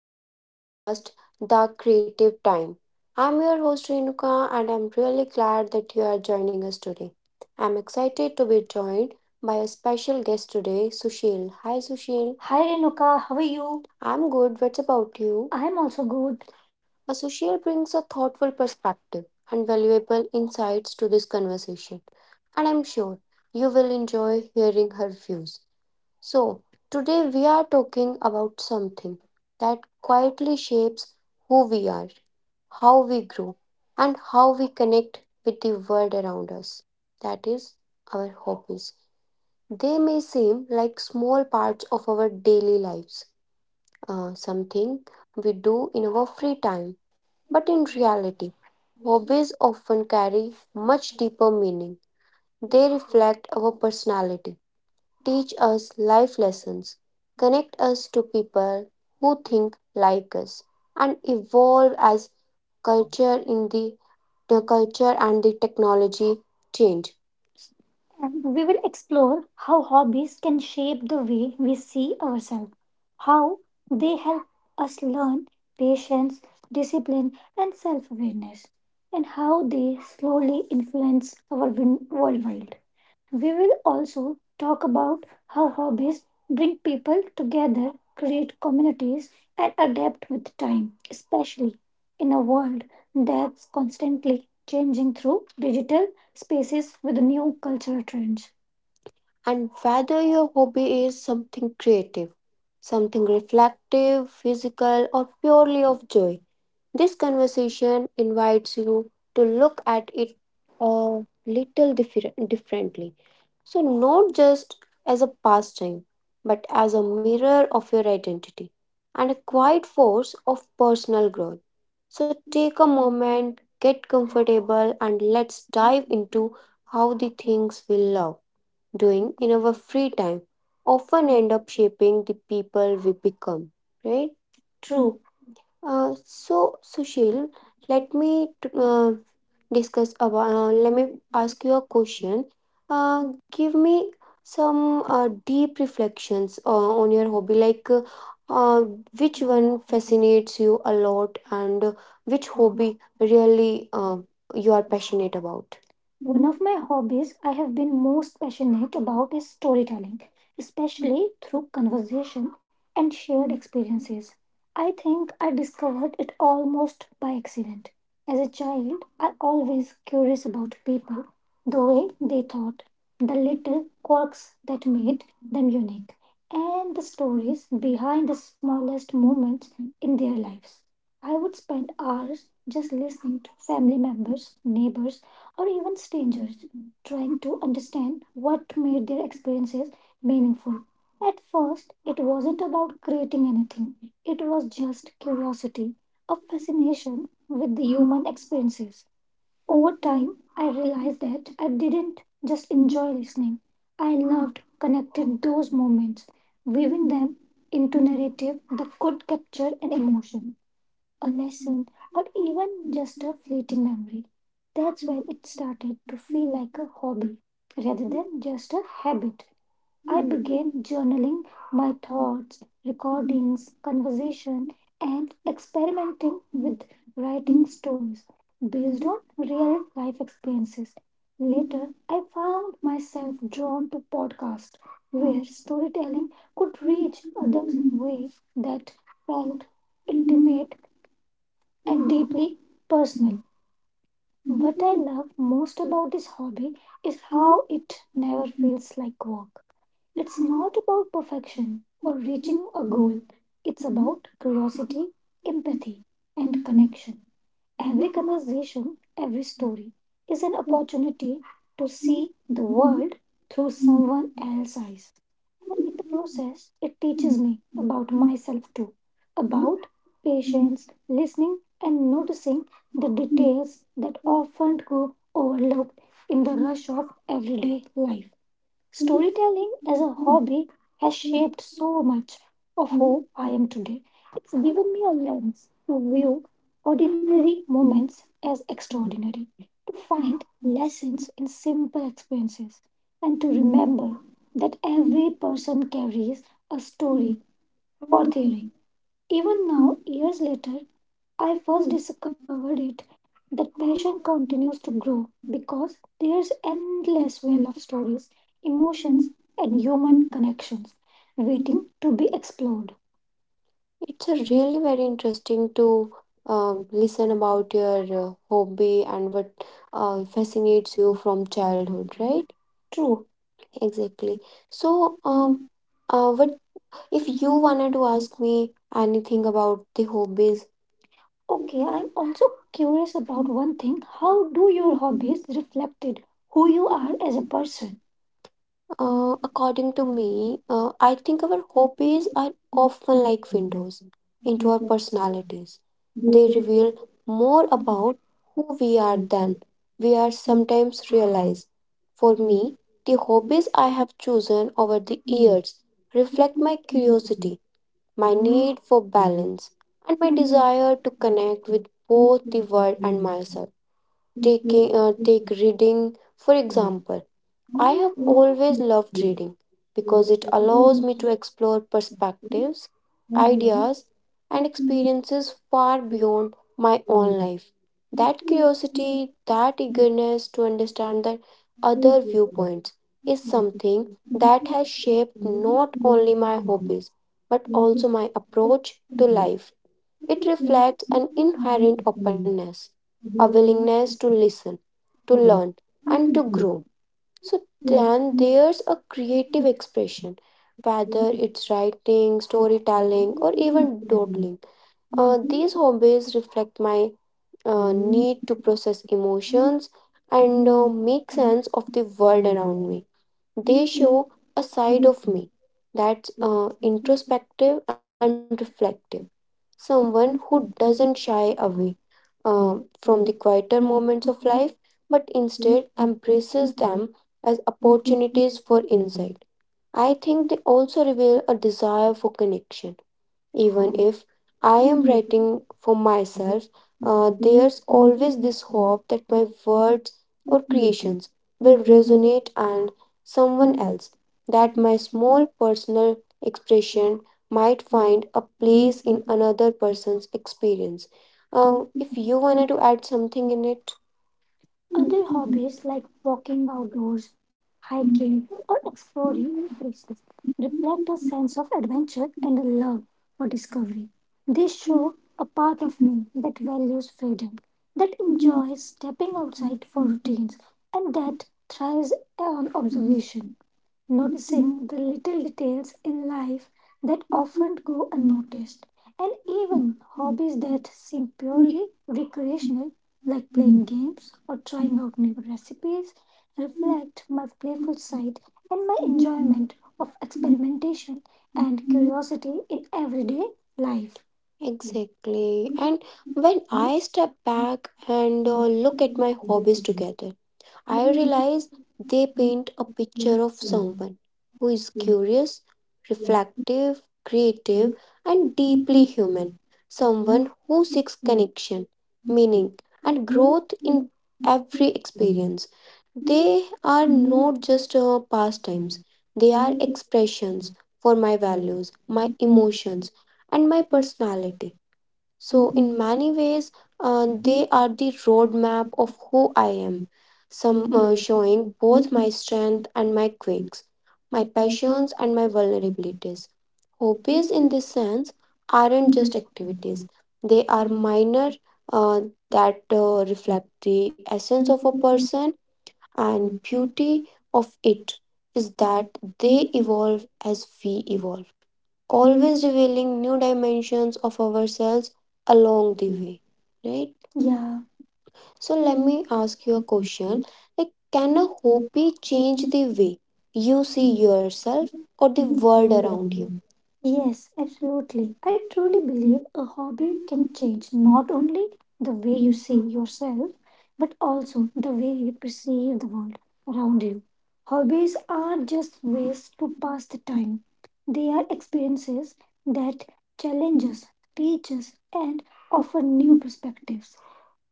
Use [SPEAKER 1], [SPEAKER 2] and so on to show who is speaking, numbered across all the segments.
[SPEAKER 1] our new podcast, The Creative Time. I'm your host, Renuka, and I'm really glad that you are joining us today. I'm excited to be joined by a special guest today, Sushil. Hi, Sushil. Hi Renuka, how are you? I'm good. What's about you? I'm also good. A Sushil brings a thoughtful perspective and valuable insights to this conversation, and I'm sure you will enjoy hearing her views. So, today we are talking about something that quietly shapes who we are, how we grow, and how we connect with the world around us. That is our hobbies. They may seem like small parts of our daily lives, something we do in our free time. But in reality, hobbies often carry much deeper meaning. They reflect our personality teach us life lessons, connect us to people who think like us, and evolve as culture in the, the culture and the technology change. And we will explore how hobbies can shape the way we see ourselves, how they help us learn patience, discipline, and self awareness, and how they slowly influence our worldwide. We will also talk about how hobbies bring people together, create communities, and adapt with time, especially in a world that's constantly changing through digital spaces with new cultural trends. And whether your hobby is something creative, something reflective, physical, or purely of joy, this conversation invites you to look at it a little differently. So, not just as a pastime, but as a mirror of your identity and a quiet force of personal growth. So, take a moment, get comfortable, and let's dive into how the things we love doing in our free time often end up shaping the people we become, right? True. So Sushil, let me t- discuss about. Let me ask you a question. Uh, give me some deep reflections on your hobby. Like, uh, which one fascinates you a lot, and which hobby really you are passionate about? One of my hobbies I have been most passionate about is storytelling, especially through conversation and shared experiences. I think I discovered it almost by accident. As a child, I always curious about people, the way they thought, the little quirks that made them unique, and the stories behind the smallest moments in their lives. I would spend hours just listening to family members, neighbors, or even strangers trying to understand what made their experiences meaningful. At first, it wasn't about creating anything. It was just curiosity, a fascination with the human experiences. Over time, I realized that I didn't just enjoy listening, I loved connecting those moments, weaving them into narrative that could capture an emotion, a lesson, or even just a fleeting memory. That's when it started to feel like a hobby rather than just a habit. I began journaling my thoughts, recordings, conversation, and experimenting with writing stories based on real life experiences. Later, I found myself drawn to podcasts where storytelling could reach others in a way that felt deeply personal. What I love most about this hobby is how it never feels like work. It's not about perfection or reaching a goal about curiosity, empathy, and connection. Every conversation, every story is an opportunity to see the world through someone else's eyes. The process it teaches me about myself too, about patience, listening, and noticing the details that often go overlooked in the rush of everyday life. Storytelling as a hobby has shaped so much of who I am today. It's given me a lens to view ordinary moments as extraordinary, to find lessons in simple experiences, and to remember that every person carries a story. Even now, years later, I first discovered it that passion continues to grow because there's endless well of stories, emotions and human connections waiting to be explored. It's a really very interesting to listen about your hobby and what fascinates you from childhood, right? True. Exactly. So, what if you wanted to ask me anything about the hobbies Okay, I'm also curious about one thing. How do your hobbies reflected who you are as a person? According to me, I think our hobbies are often like windows into our personalities. They reveal more about who we are than we are sometimes realize. For me, the hobbies I have chosen over the years reflect my curiosity my need for balance, and my desire to connect with both the world and myself. Take reading, for example. I have always loved reading because it allows me to explore perspectives, ideas, and experiences far beyond my own life. That curiosity, that eagerness to understand the other viewpoints is something that has shaped not only my hobby but also my approach to life. It reflects an inherent openness, a willingness to listen, to learn, and to grow. So then there's a creative expression, whether it's writing, storytelling, or even doodling. These hobbies reflect my need to process emotions and make sense of the world around me. They show a side of me that's introspective and reflective Someone who doesn't shy away from the quieter moments of life, but instead embraces them as opportunities for insight. I think they also reveal a desire for connection. Even if I am writing for myself, there's always this hope that my words creations will resonate and someone else that my small personal expression might find a place in another person's experience. If you wanted to add something in it, it's like walking outdoors, hiking, or exploring new places reflect a sense of adventure and a love for discovery. They show a part of me that values freedom, that enjoys stepping outside for routines, and that thrives on observation, noticing the little details in life that often go unnoticed, and even hobbies that seem purely recreational, like playing games or trying out new recipes, reflect my playful side and my of experimentation, curiosity in everyday life. Exactly. And when I step back and look at my hobbies together, I realize they paint a picture of someone who is curious, reflective, creative, and deeply human. Someone who seeks connection, meaning, and growth in every experience. They are not just pastimes, they are expressions for my values, my emotions, and my personality. So, in many ways, they are the roadmap of who I am, some showing both my strength and my quirks, my passions and my vulnerabilities. Hobbies, in this sense, aren't just activities, they are minor uh, that reflect the essence of a person, and beauty of it is that they evolve as we evolve always revealing new dimensions of ourselves along the way, right? Yeah. So let me ask you a question. Like, can a hobby change the way you see yourself or the world around you? Yes, absolutely. I truly believe a hobby can change not only the way you see yourself, but also the way you perceive the world around you. Hobbies are just ways to pass the time, they are experiences that challenge us, teach us, and offer new perspectives.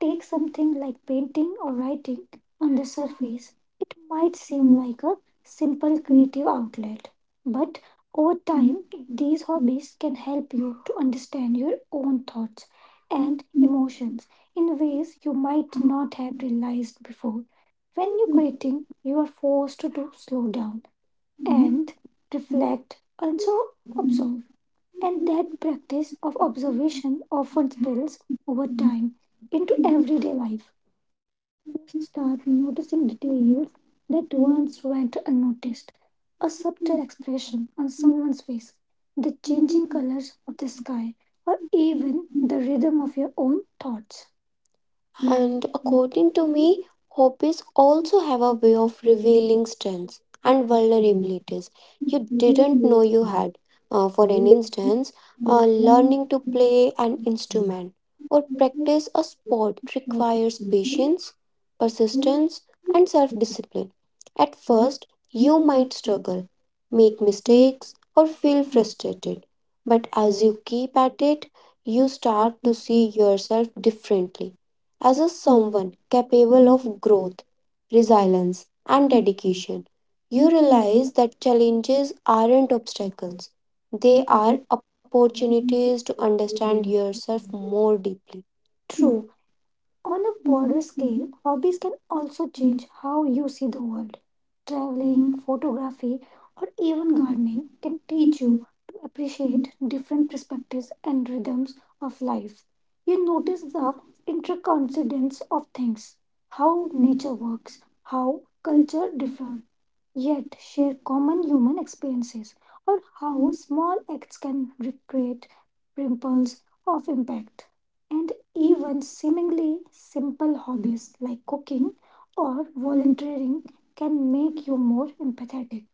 [SPEAKER 1] Take something like painting or writing. On the surface, it might seem like a simple creative outlet, but over time, these hobbies can help you to understand your own thoughts and emotions in ways you might not have realized before. When you're creating, you are forced to slow down and reflect, also observe and that practice of observation often spills over time into everyday life. You start noticing details that once went unnoticed a subtle expression on someone's face, the changing colors of the sky, or even the rhythm of your own thoughts. And according to me, hobbies also have a way of revealing strengths and vulnerabilities you didn't know you had. For an instance, learning to play an instrument or practice a sport requires patience, persistence, and self discipline. At first, you might struggle, make mistakes, or feel frustrated. But as you keep at it, you start to see yourself differently as a someone capable of growth, resilience, and dedication, you realize that challenges aren't obstacles. They are opportunities to understand yourself more deeply. True. On a broader scale, hobbies can also change how you see the world. Traveling, photography, or even gardening can teach appreciate different perspectives and rhythms of life. You notice the intercoincidence of things, how nature works, how culture differs, yet share common human experiences, or how small acts can recreate ripples of impact. And even seemingly simple hobbies like cooking or volunteering can make you more empathetic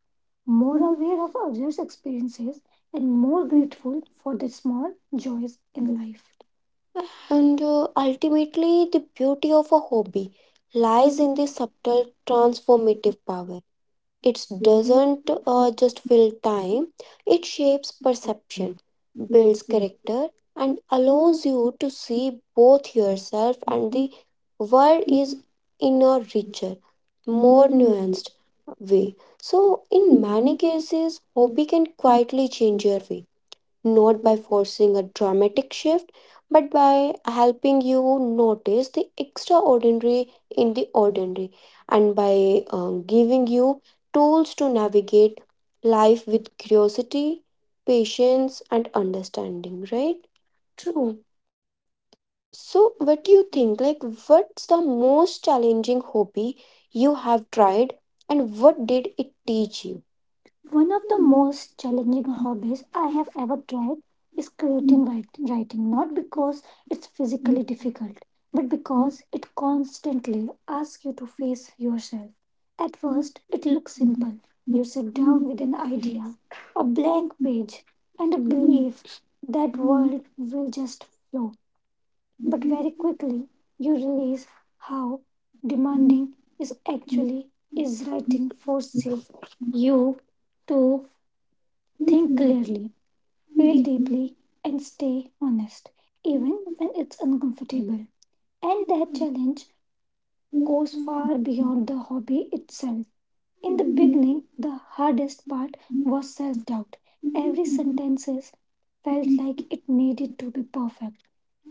[SPEAKER 1] more aware of others' experiences, and more grateful for the small joys in life. And ultimately, the beauty of a hobby lies in the subtle transformative power. It doesn't just fill time, it shapes perception, builds character, and allows you to see both yourself and the world in a richer, more nuanced way. So, in many cases, hobby can quietly change your way, not by forcing a dramatic shift, but by helping you notice the extraordinary in the ordinary and by giving you tools to navigate life with curiosity, patience, and understanding, right? True. So, what do you think? Like, what's the most challenging hobby you have tried, and what did it teach you? One of the most challenging hobbies I have ever tried is creating writing, not because it's physically difficult, but because it constantly asks you to face yourself. At first, it looks like you sit down with an idea, a blank page, and a bill that will just flow very quickly. You realize how demanding is actually is. Writing forces you to clearly feel deeply and stay honest even when it's uncomfortable, and that challenge goes far beyond the hobby itself. In the beginning, the hardest part was self doubt. Every sentence felt like it needed to be perfect.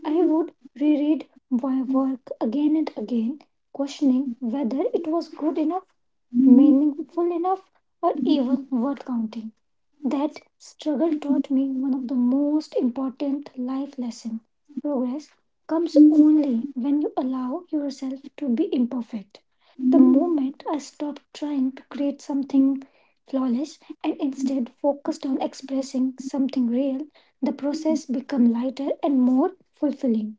[SPEAKER 1] I would reread my work again and again, questioning whether it was good enough, meaningful enough, or even worth counting. That struggle taught me one of the most important life lessons. Progress comes only when you allow yourself to be imperfect. The moment I stopped trying to create something flawless and instead focused on expressing something real, the process became lighter and more fulfilling.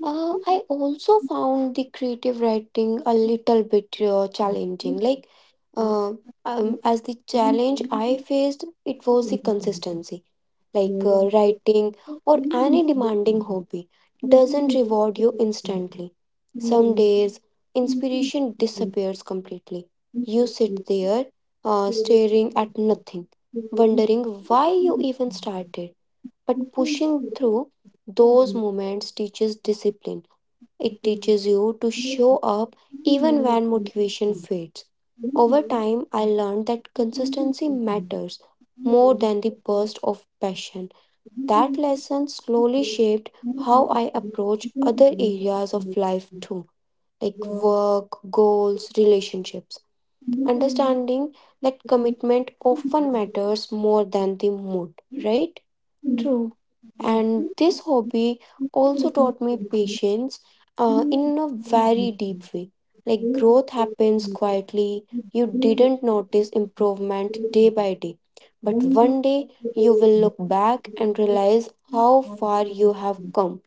[SPEAKER 1] I also found the creative writing a little bit challenging. Uh, as the challenge I faced, it was the consistency. Like writing or any demanding hobby doesn't reward you instantly. Some days, inspiration disappears completely. You sit there staring at nothing, wondering why you even started. But pushing through those moments teaches discipline. It teaches you to show up even when motivation fades. Over time, I learned that consistency matters more than the burst of passion. That lesson slowly shaped how I approach other areas of life too, like work, goals, relationships. Understanding that commitment often matters more than the mood, right? True. And this hobby also taught me patience in a very deep way. Like growth happens quietly, you didn't notice improvement day by day. But one day you will look back and realize how far you have come.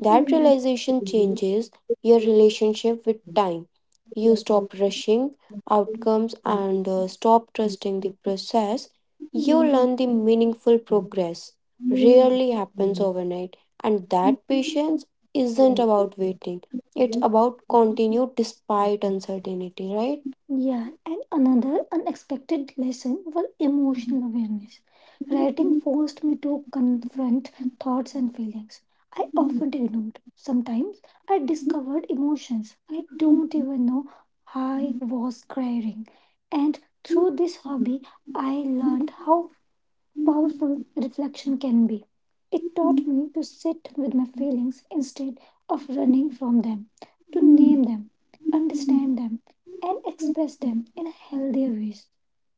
[SPEAKER 1] That realization changes your relationship with time. You stop rushing outcomes and stop trusting the process. You learn the meaningful progress rarely happens overnight, and that patience isn't about waiting, it's about continue despite uncertainty, right? Yeah, and another unexpected lesson was emotional awareness. Writing forced me to confront thoughts and feelings I often ignored. Sometimes I discovered emotions I don't even know I was crying. And through this hobby, I learned how powerful reflection can be. It taught me to sit with my feelings instead of running from them, name them, understand them, and express them in healthier ways.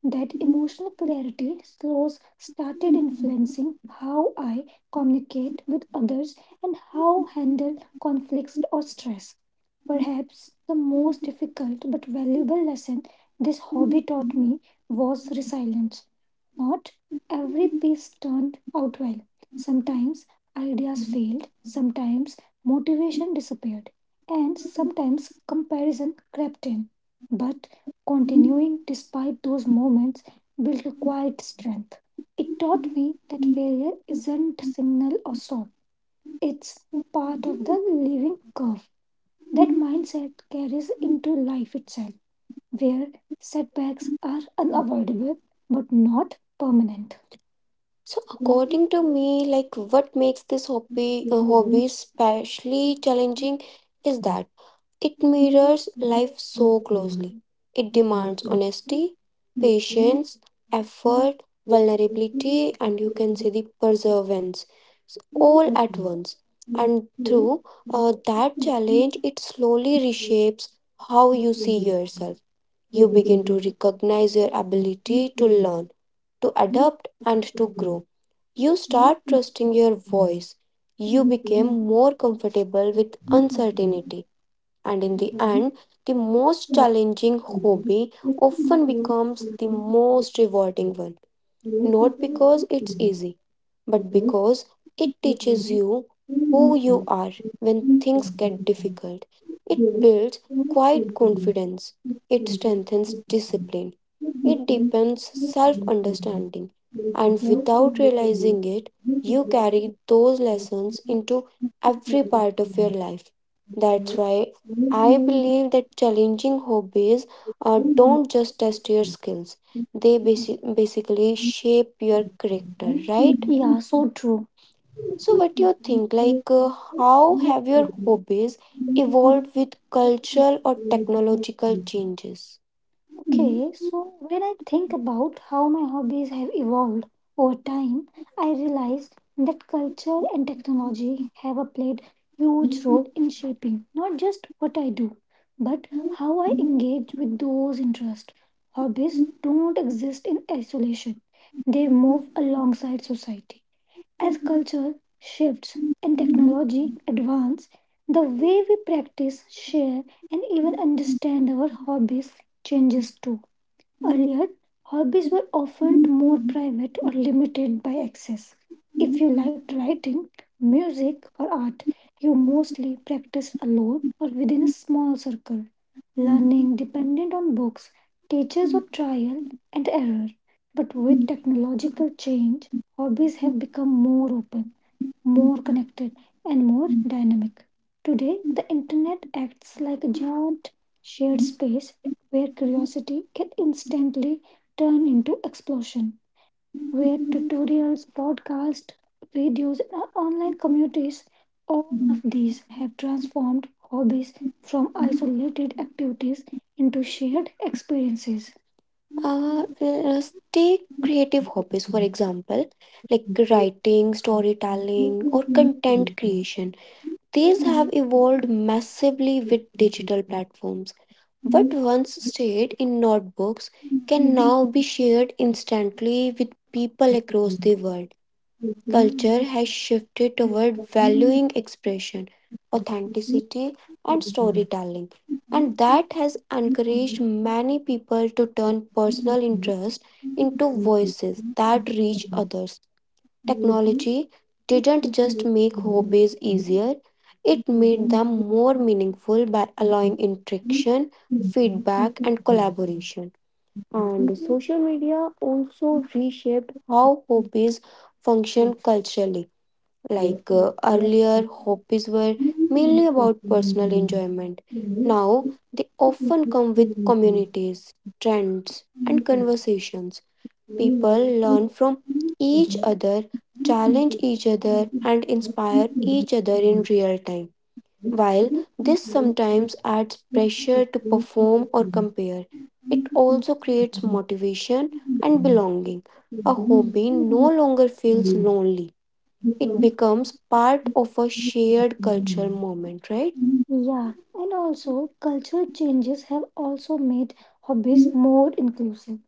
[SPEAKER 1] That emotional clarity slows started influencing how I communicate with others and how handle conflicts or stress. Perhaps the most difficult but valuable lesson this taught me was resilience. Not every piece turned out well. Sometimes ideas failed, sometimes motivation disappeared, and sometimes comparison crept in. But continuing despite those moments built a quiet strength. It taught me that failure isn't signal or stop. It's part of the living curve. That mindset carries into life itself, where setbacks are unavoidable but not permanent. So, according to me, like what makes this hobby a hobby especially challenging is that it mirrors life so closely. It demands honesty, patience, effort, vulnerability, and you can say the perseverance all at once. And through that challenge, it slowly reshapes how you see yourself. You begin to recognize your ability to learn, to adapt, and to grow. You start trusting your voice. You became more comfortable with uncertainty. And in the end, the most challenging hobby often becomes the most rewarding one, not because it's easy, but because it teaches you who you are when things get difficult. It builds quiet confidence, it strengthens discipline, it depends self understanding, and without realizing it, you carry those lessons into every part of your life. That's why I believe that challenging hobbies don't just test your skills, they basically shape your character, right? Yeah, so true. So, what do you think? Like, how have your hobbies evolved with cultural or technological changes? Okay, so when I think about how my hobbies have evolved over time, I realized that culture and technology have a played huge role in shaping not just what I do, but how I engage with those interests. Hobbies don't exist in isolation. They move alongside society. As culture shifts and technology advance, the way we practice, share, and even understand our hobbies changes too. Earlier, hobbies were often more private or limited by access. If you liked writing, music, or art, you mostly practiced alone or within a small circle. Learning depended on books, teachers, or trial and error. But with technological change, hobbies have become more open, more connected, and more dynamic. Today, the internet acts like a giant shared space where curiosity can instantly turn into explosion, where tutorials, podcasts, videos, and online communities, all of these have transformed hobbies from isolated activities into shared experiences. Uh, uh, take creative hobbies, for example, like writing, storytelling, or content creation. These have evolved massively with digital platforms. What once stayed in notebooks can now be shared instantly with people across the world. Culture has shifted toward valuing expression, authenticity, and storytelling, and that has encouraged many people to turn personal interests into voices that reach others. Technology didn't just make hobbies easier, it made them more meaningful by allowing interaction, feedback, and collaboration. And social media also reshaped how hobbies function culturally. Like earlier, hobbies were mainly about personal enjoyment. Now, often come with communities, trends, and conversations. People learn from each other, challenge each other, and inspire each other in real time. While this sometimes adds pressure to perform or compare, it also creates motivation and belonging. A hobby no longer feels lonely, it becomes part of a shared cultural moment, right? And also, cultural changes have also made hobbies more inclusive.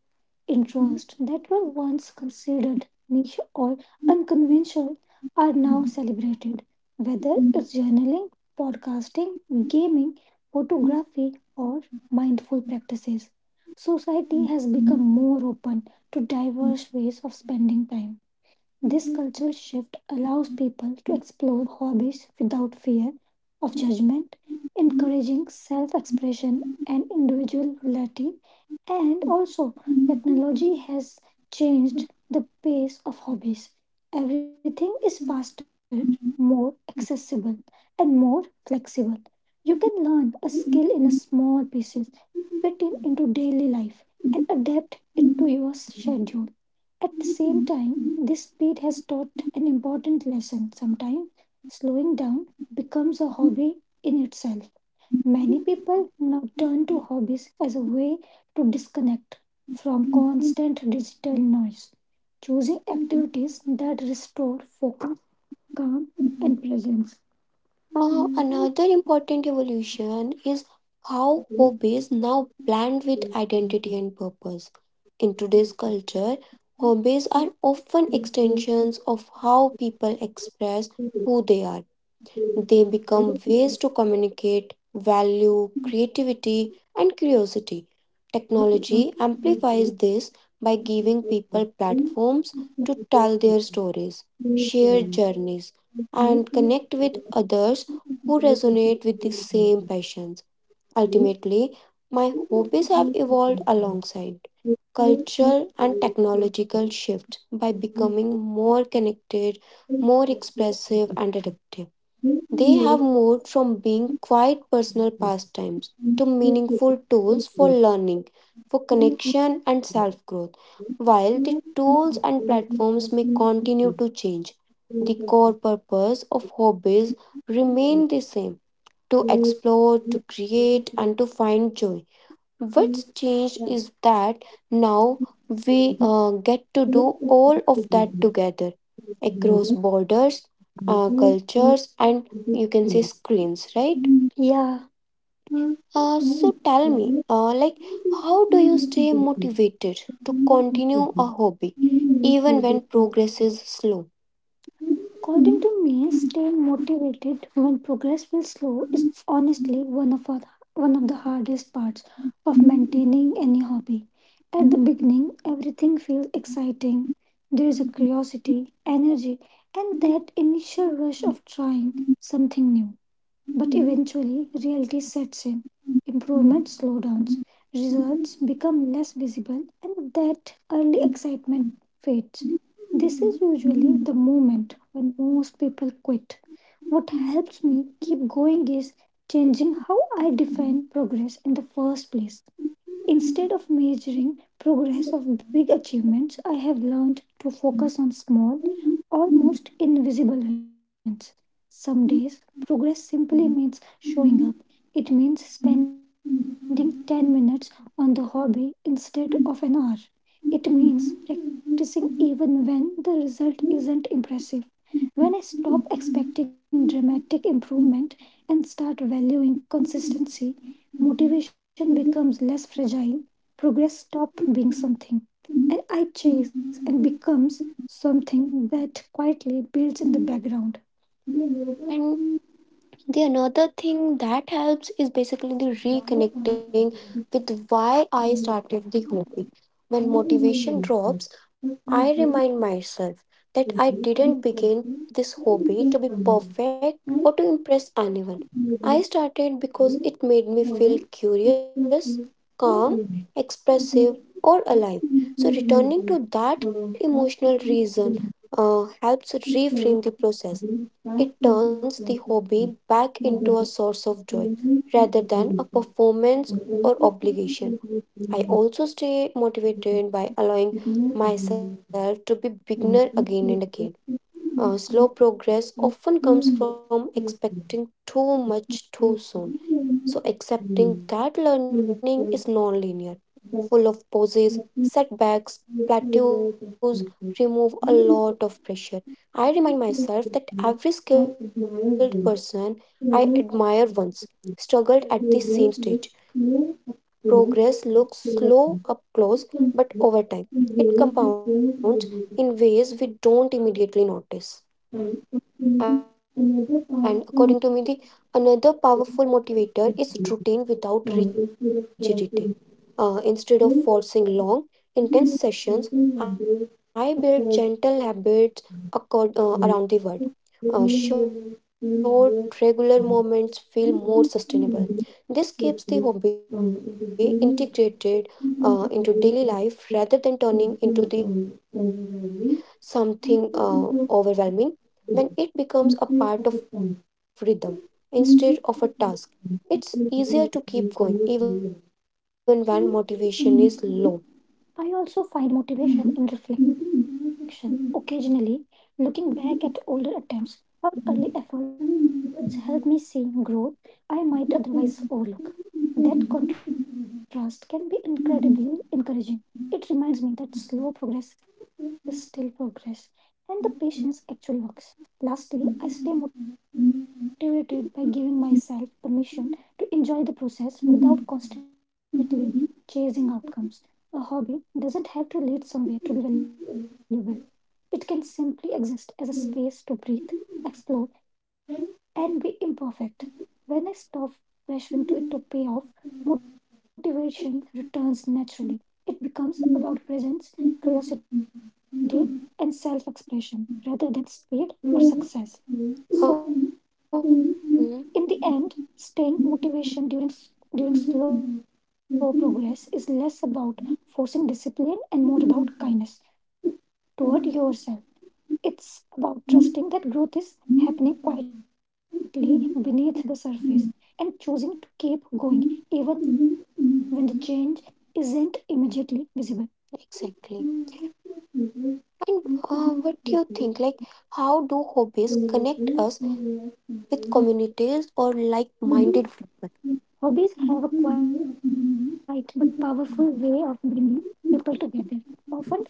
[SPEAKER 1] Interests that were once considered niche or unconventional are now celebrated. Whether it's journaling, podcasting, gaming, photography, or mindful practices, society has become more open to diverse ways of spending time. This cultural shift allows people to explore hobbies without fear of judgment, encouraging self expression and individuality. And also, technology has changed the pace of hobbies. Everything is faster, more accessible, and more flexible. You can learn a skill in a small pieces, fit it into daily life, and adapt it to your schedule. At the same time, this speed has taught an important lesson. Sometimes slowing down becomes a hobby in itself. Many people now turn to hobbies as a way to disconnect from constant digital noise, choosing activities that restore focus, calm, presence. Another important evolution is how hobbies now blend with identity and purpose. In today's culture, hobbies are often extensions of how people express who they are. They become ways to communicate value, creativity, and curiosity. Technology amplifies this by giving people platforms tell their stories, share journeys, and connect with others who resonate with the same passions. Ultimately, my hobbies have evolved alongside cultural and technological shifts by becoming more connected, more expressive, and adaptive. They have moved from being quiet personal pastimes to meaningful tools for learning, for connection, and self growth. While the tools and platforms may continue to change, the core purpose of hobbies remain the same, to explore, to create, and to find joy. What's changed is that now we get to do all of that together across borders, cultures, and you can say screens, right? Yeah. So tell me, like, how do you stay motivated to continue a hobby even when progress is slow? According to me, staying motivated when progress feels slow is honestly one of the hardest parts. Maintaining any hobby. At the beginning, everything feels exciting. There is a curiosity, energy, and that initial rush of trying something new. But eventually, reality sets in. Improvement slowdowns, results become less visible, and that early excitement fades. This is usually the moment when most people quit. What helps me keep going is changing how I define progress in the first place. Instead of measuring progress of big achievements, I have learned to focus on small, almost invisible wins. Some days, progress simply means showing up. It means spending 10 minutes on the hobby instead of an hour. It means practicing even when the result isn't impressive. When I stop expecting dramatic improvement and start valuing consistency, motivation becomes less fragile, stop being something and I chase and become something that quietly builds in the background. The another thing that helps is basically the reconnecting with why I started the hobby. When motivation drops, I remind myself that I didn't begin this hobby to be perfect or to impress anyone. I started because it made me feel curious, calm, expressive, or alive. So, returning to that emotional reason helps reframe the process. It turns the hobby back into a source of joy rather than a performance or obligation. I also stay motivated by allowing myself to be beginner again and again. Slow progress often comes from expecting too much too soon. So accepting that is nonlinear, full of pauses, setbacks, plateaus, remove a lot of pressure. I remind myself that every skilled person I admire struggled at the same stage. Progress looks slow, close, but over time it compounds in don't immediately notice. And according to me, the power of motivator is routine without rigidity. Instead of forcing long, intense sessions, I build gentle habits around the word. Short, regular moments feel more sustainable. This could be integrated into daily life rather than turning into the something overwhelming when it becomes a part of rhythm. It's easier to keep going even when motivation is low. I also find motivation in reflection. Occasionally. Back at older attempts, our efforts help me see growth otherwise overlook. That contrast can be encouraging. It reminds slow progress is still progress and the patience actually works. Lastly, I stay motivated by giving myself to enjoy the process without constantly chasing outcomes. A hobby doesn't have to lead somewhere to be valuable. It can simply exist as a space to breathe, explore, and be imperfect. When I stop pressuring to it to pay off, motivation returns naturally. It becomes about presence, curiosity, and self expression, speed, or success. Motivation during slow progress is about discipline and more about kindness toward trusting that growth is happening quietly beneath the surface and keep even when the change is immediately visible. Exactly. And what do you think? Like, how do hobbies connect us with communities or like minded people? Hobbies have a quiet but powerful way of bringing people together, often without any pressure or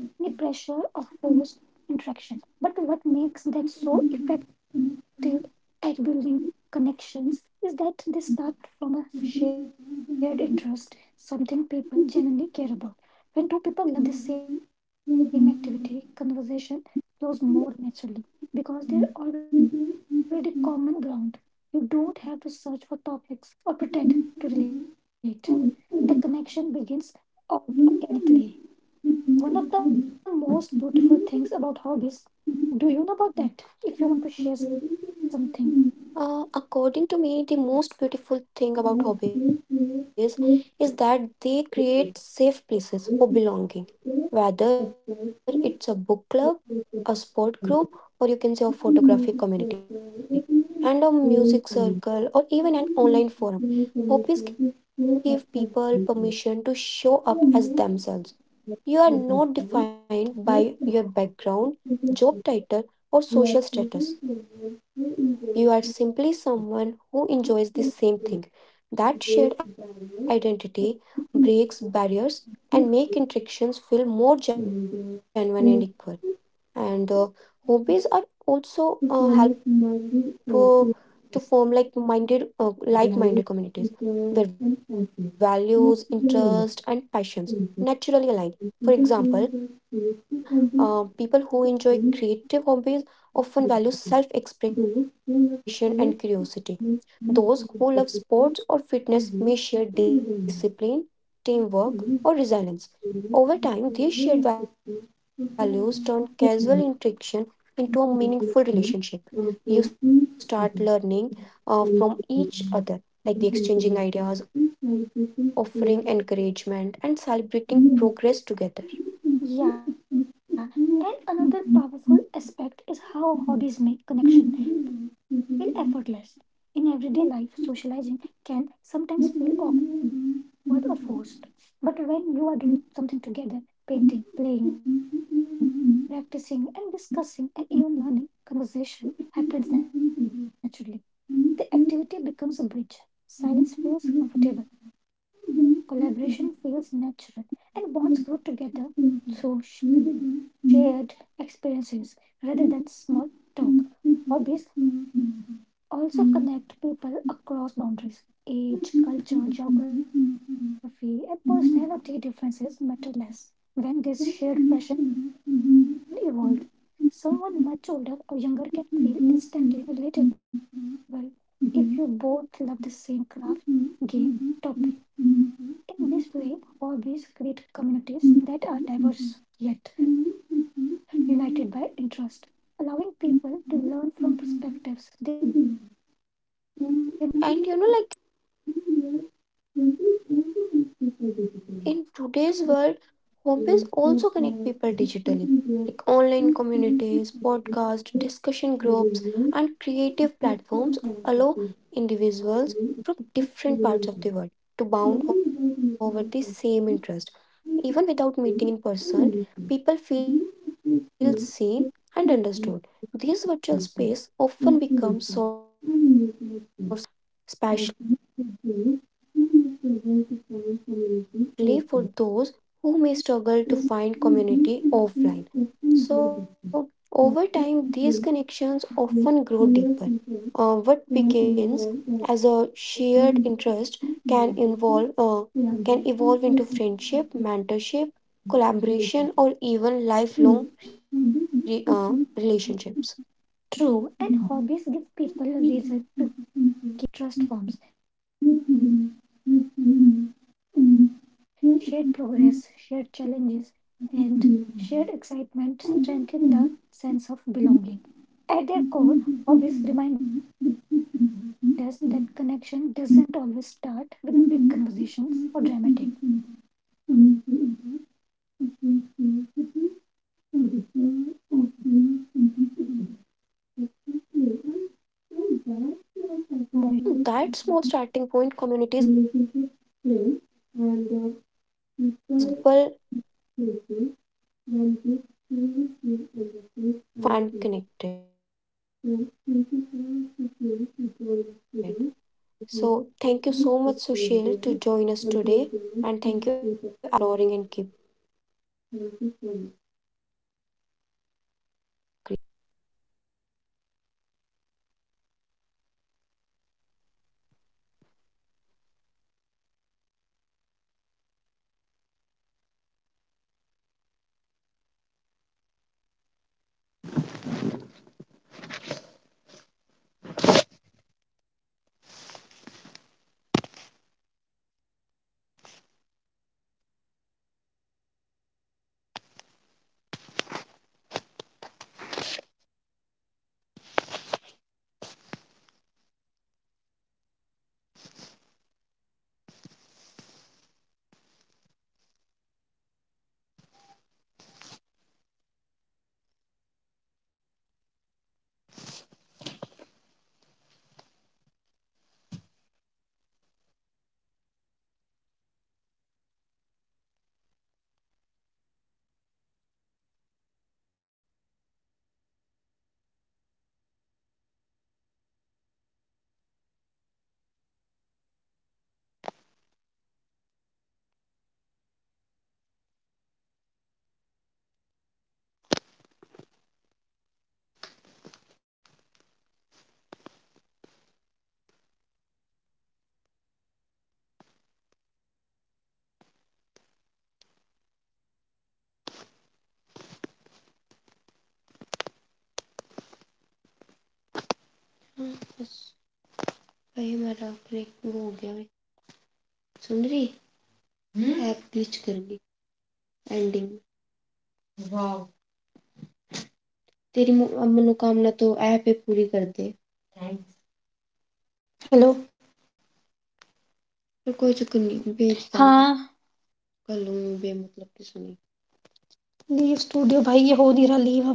[SPEAKER 1] action. But what makes them so effective at building connection? Is that they start from a shared interest some people genuinely care about. When two people love the same activity, conversation naturally because they're already common ground. Don't search for topics or pretend to relate. Action begins organically. One of the most beautiful things about hobbies. Do you know about that? If you want to share something, according to me, the most beautiful thing about hobbies is that they create safe places for belonging, whether it's a book club, a sport group, or you can say a photographic community, and a music circle, or even an online hobbies give people permission to show us themselves. You are defined by your background, job title, or social status. You are simply someone who enjoys the same thing. That shared identity breaks barriers and make interactions feel more genuine and equal. And hobbies are also help minded like minded communities where values, interests, and passions naturally align. For example, people who enjoy creative hobbies often value self expression and curiosity. Those who enjoy sports or fitness may share discipline, teamwork, or resilience. Over time, these shared values turn casual interaction into a meaningful relationship. You start learning of other, like the exchanging ideas, offering encouragement, progress together. And another hobby section feel effort in life can sometimes feel awkward or forced. You are together, painting, playing, practicing, and this conversation happen naturally. The action sounds comfortable, collaborative, and better through shared talk. Hobbies also connect boundaries, age, culture, geography, and personal. This shared passion evolved. Someone will relatable if you both love the same craft, game, topic. In this way, hobbies create communities that are diverse yet united by interest, allowing people to learn from perspectives they might never encounter otherwise. And you know, like in today's world, hobbies also connect people digitally, like online communities, podcasts, discussion groups, platforms allow individuals from different parts of the world to bound over the same interest. Meeting in person, people feel seen and understood. This virtual space often becomes source of motivation, emotional support, especially for those who struggle to find community of. So over time, grow deep. What begins as a shared interest involve can evolve into friendship, mentorship, collaboration, or even lifelong re- uh, relationships. And horrible reason to keep showing up to and forms strengthen the sense of belonging. Their hobbies remind us that connect position dramatic moments. Simple. Exactly. And from that small starting point, communities grow, home, and people find spaces. And they feel understood and connected. So, thank you so much, Sushil, to join us today. And thank you, everyone who stayed there. Until the next time, keep exploring and keep creating. Thank you so much.
[SPEAKER 2] Wow! Hello. पर हाँ, leave studio भाई ये हो नहीं रहा leave अब।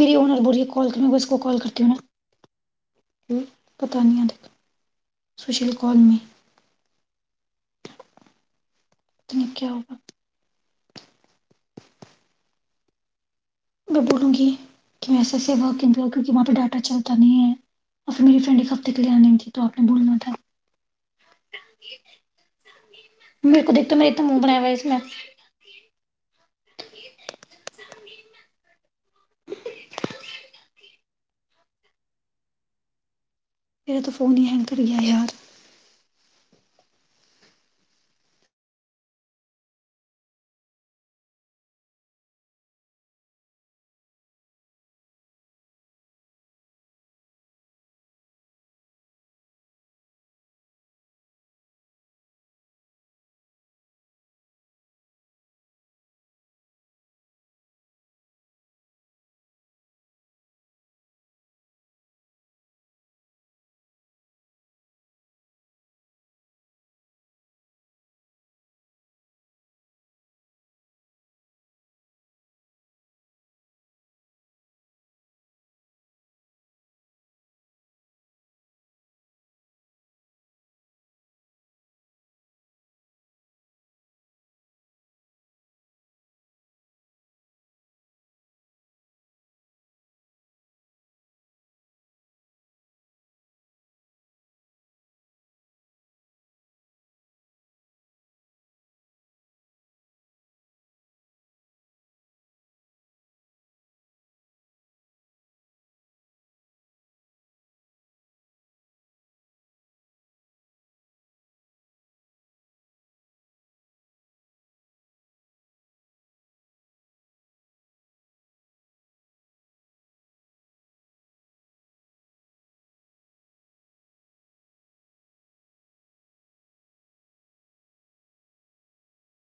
[SPEAKER 2] मेरी owner बोल रही है कॉल कर, मैं इसको कॉल करती हूँ ना, पता नहीं है, देख सुशील कॉल में, पता नहीं क्या होगा। मैं बोलूँगी कि मैं ऐसे-ऐसे वर्क इन प्रोग्रेस, क्योंकि वहाँ पे डाटा चलता नहीं है और फिर मेरी फ्रेंड 1 हफ्ते के लिए आनी थी तो आपने बोलना था। मेरे को देख, तो मेरा इतना मुँह बनाया हुआ है इसमें। मेरा तो फ़ोन ही हैंग कर गया यार। नहीं, हम कर देंगे वो। और ऊपर से सबसे देखो ज़्यादा ये, इसने तो अपने में जीत कर लिया। यार।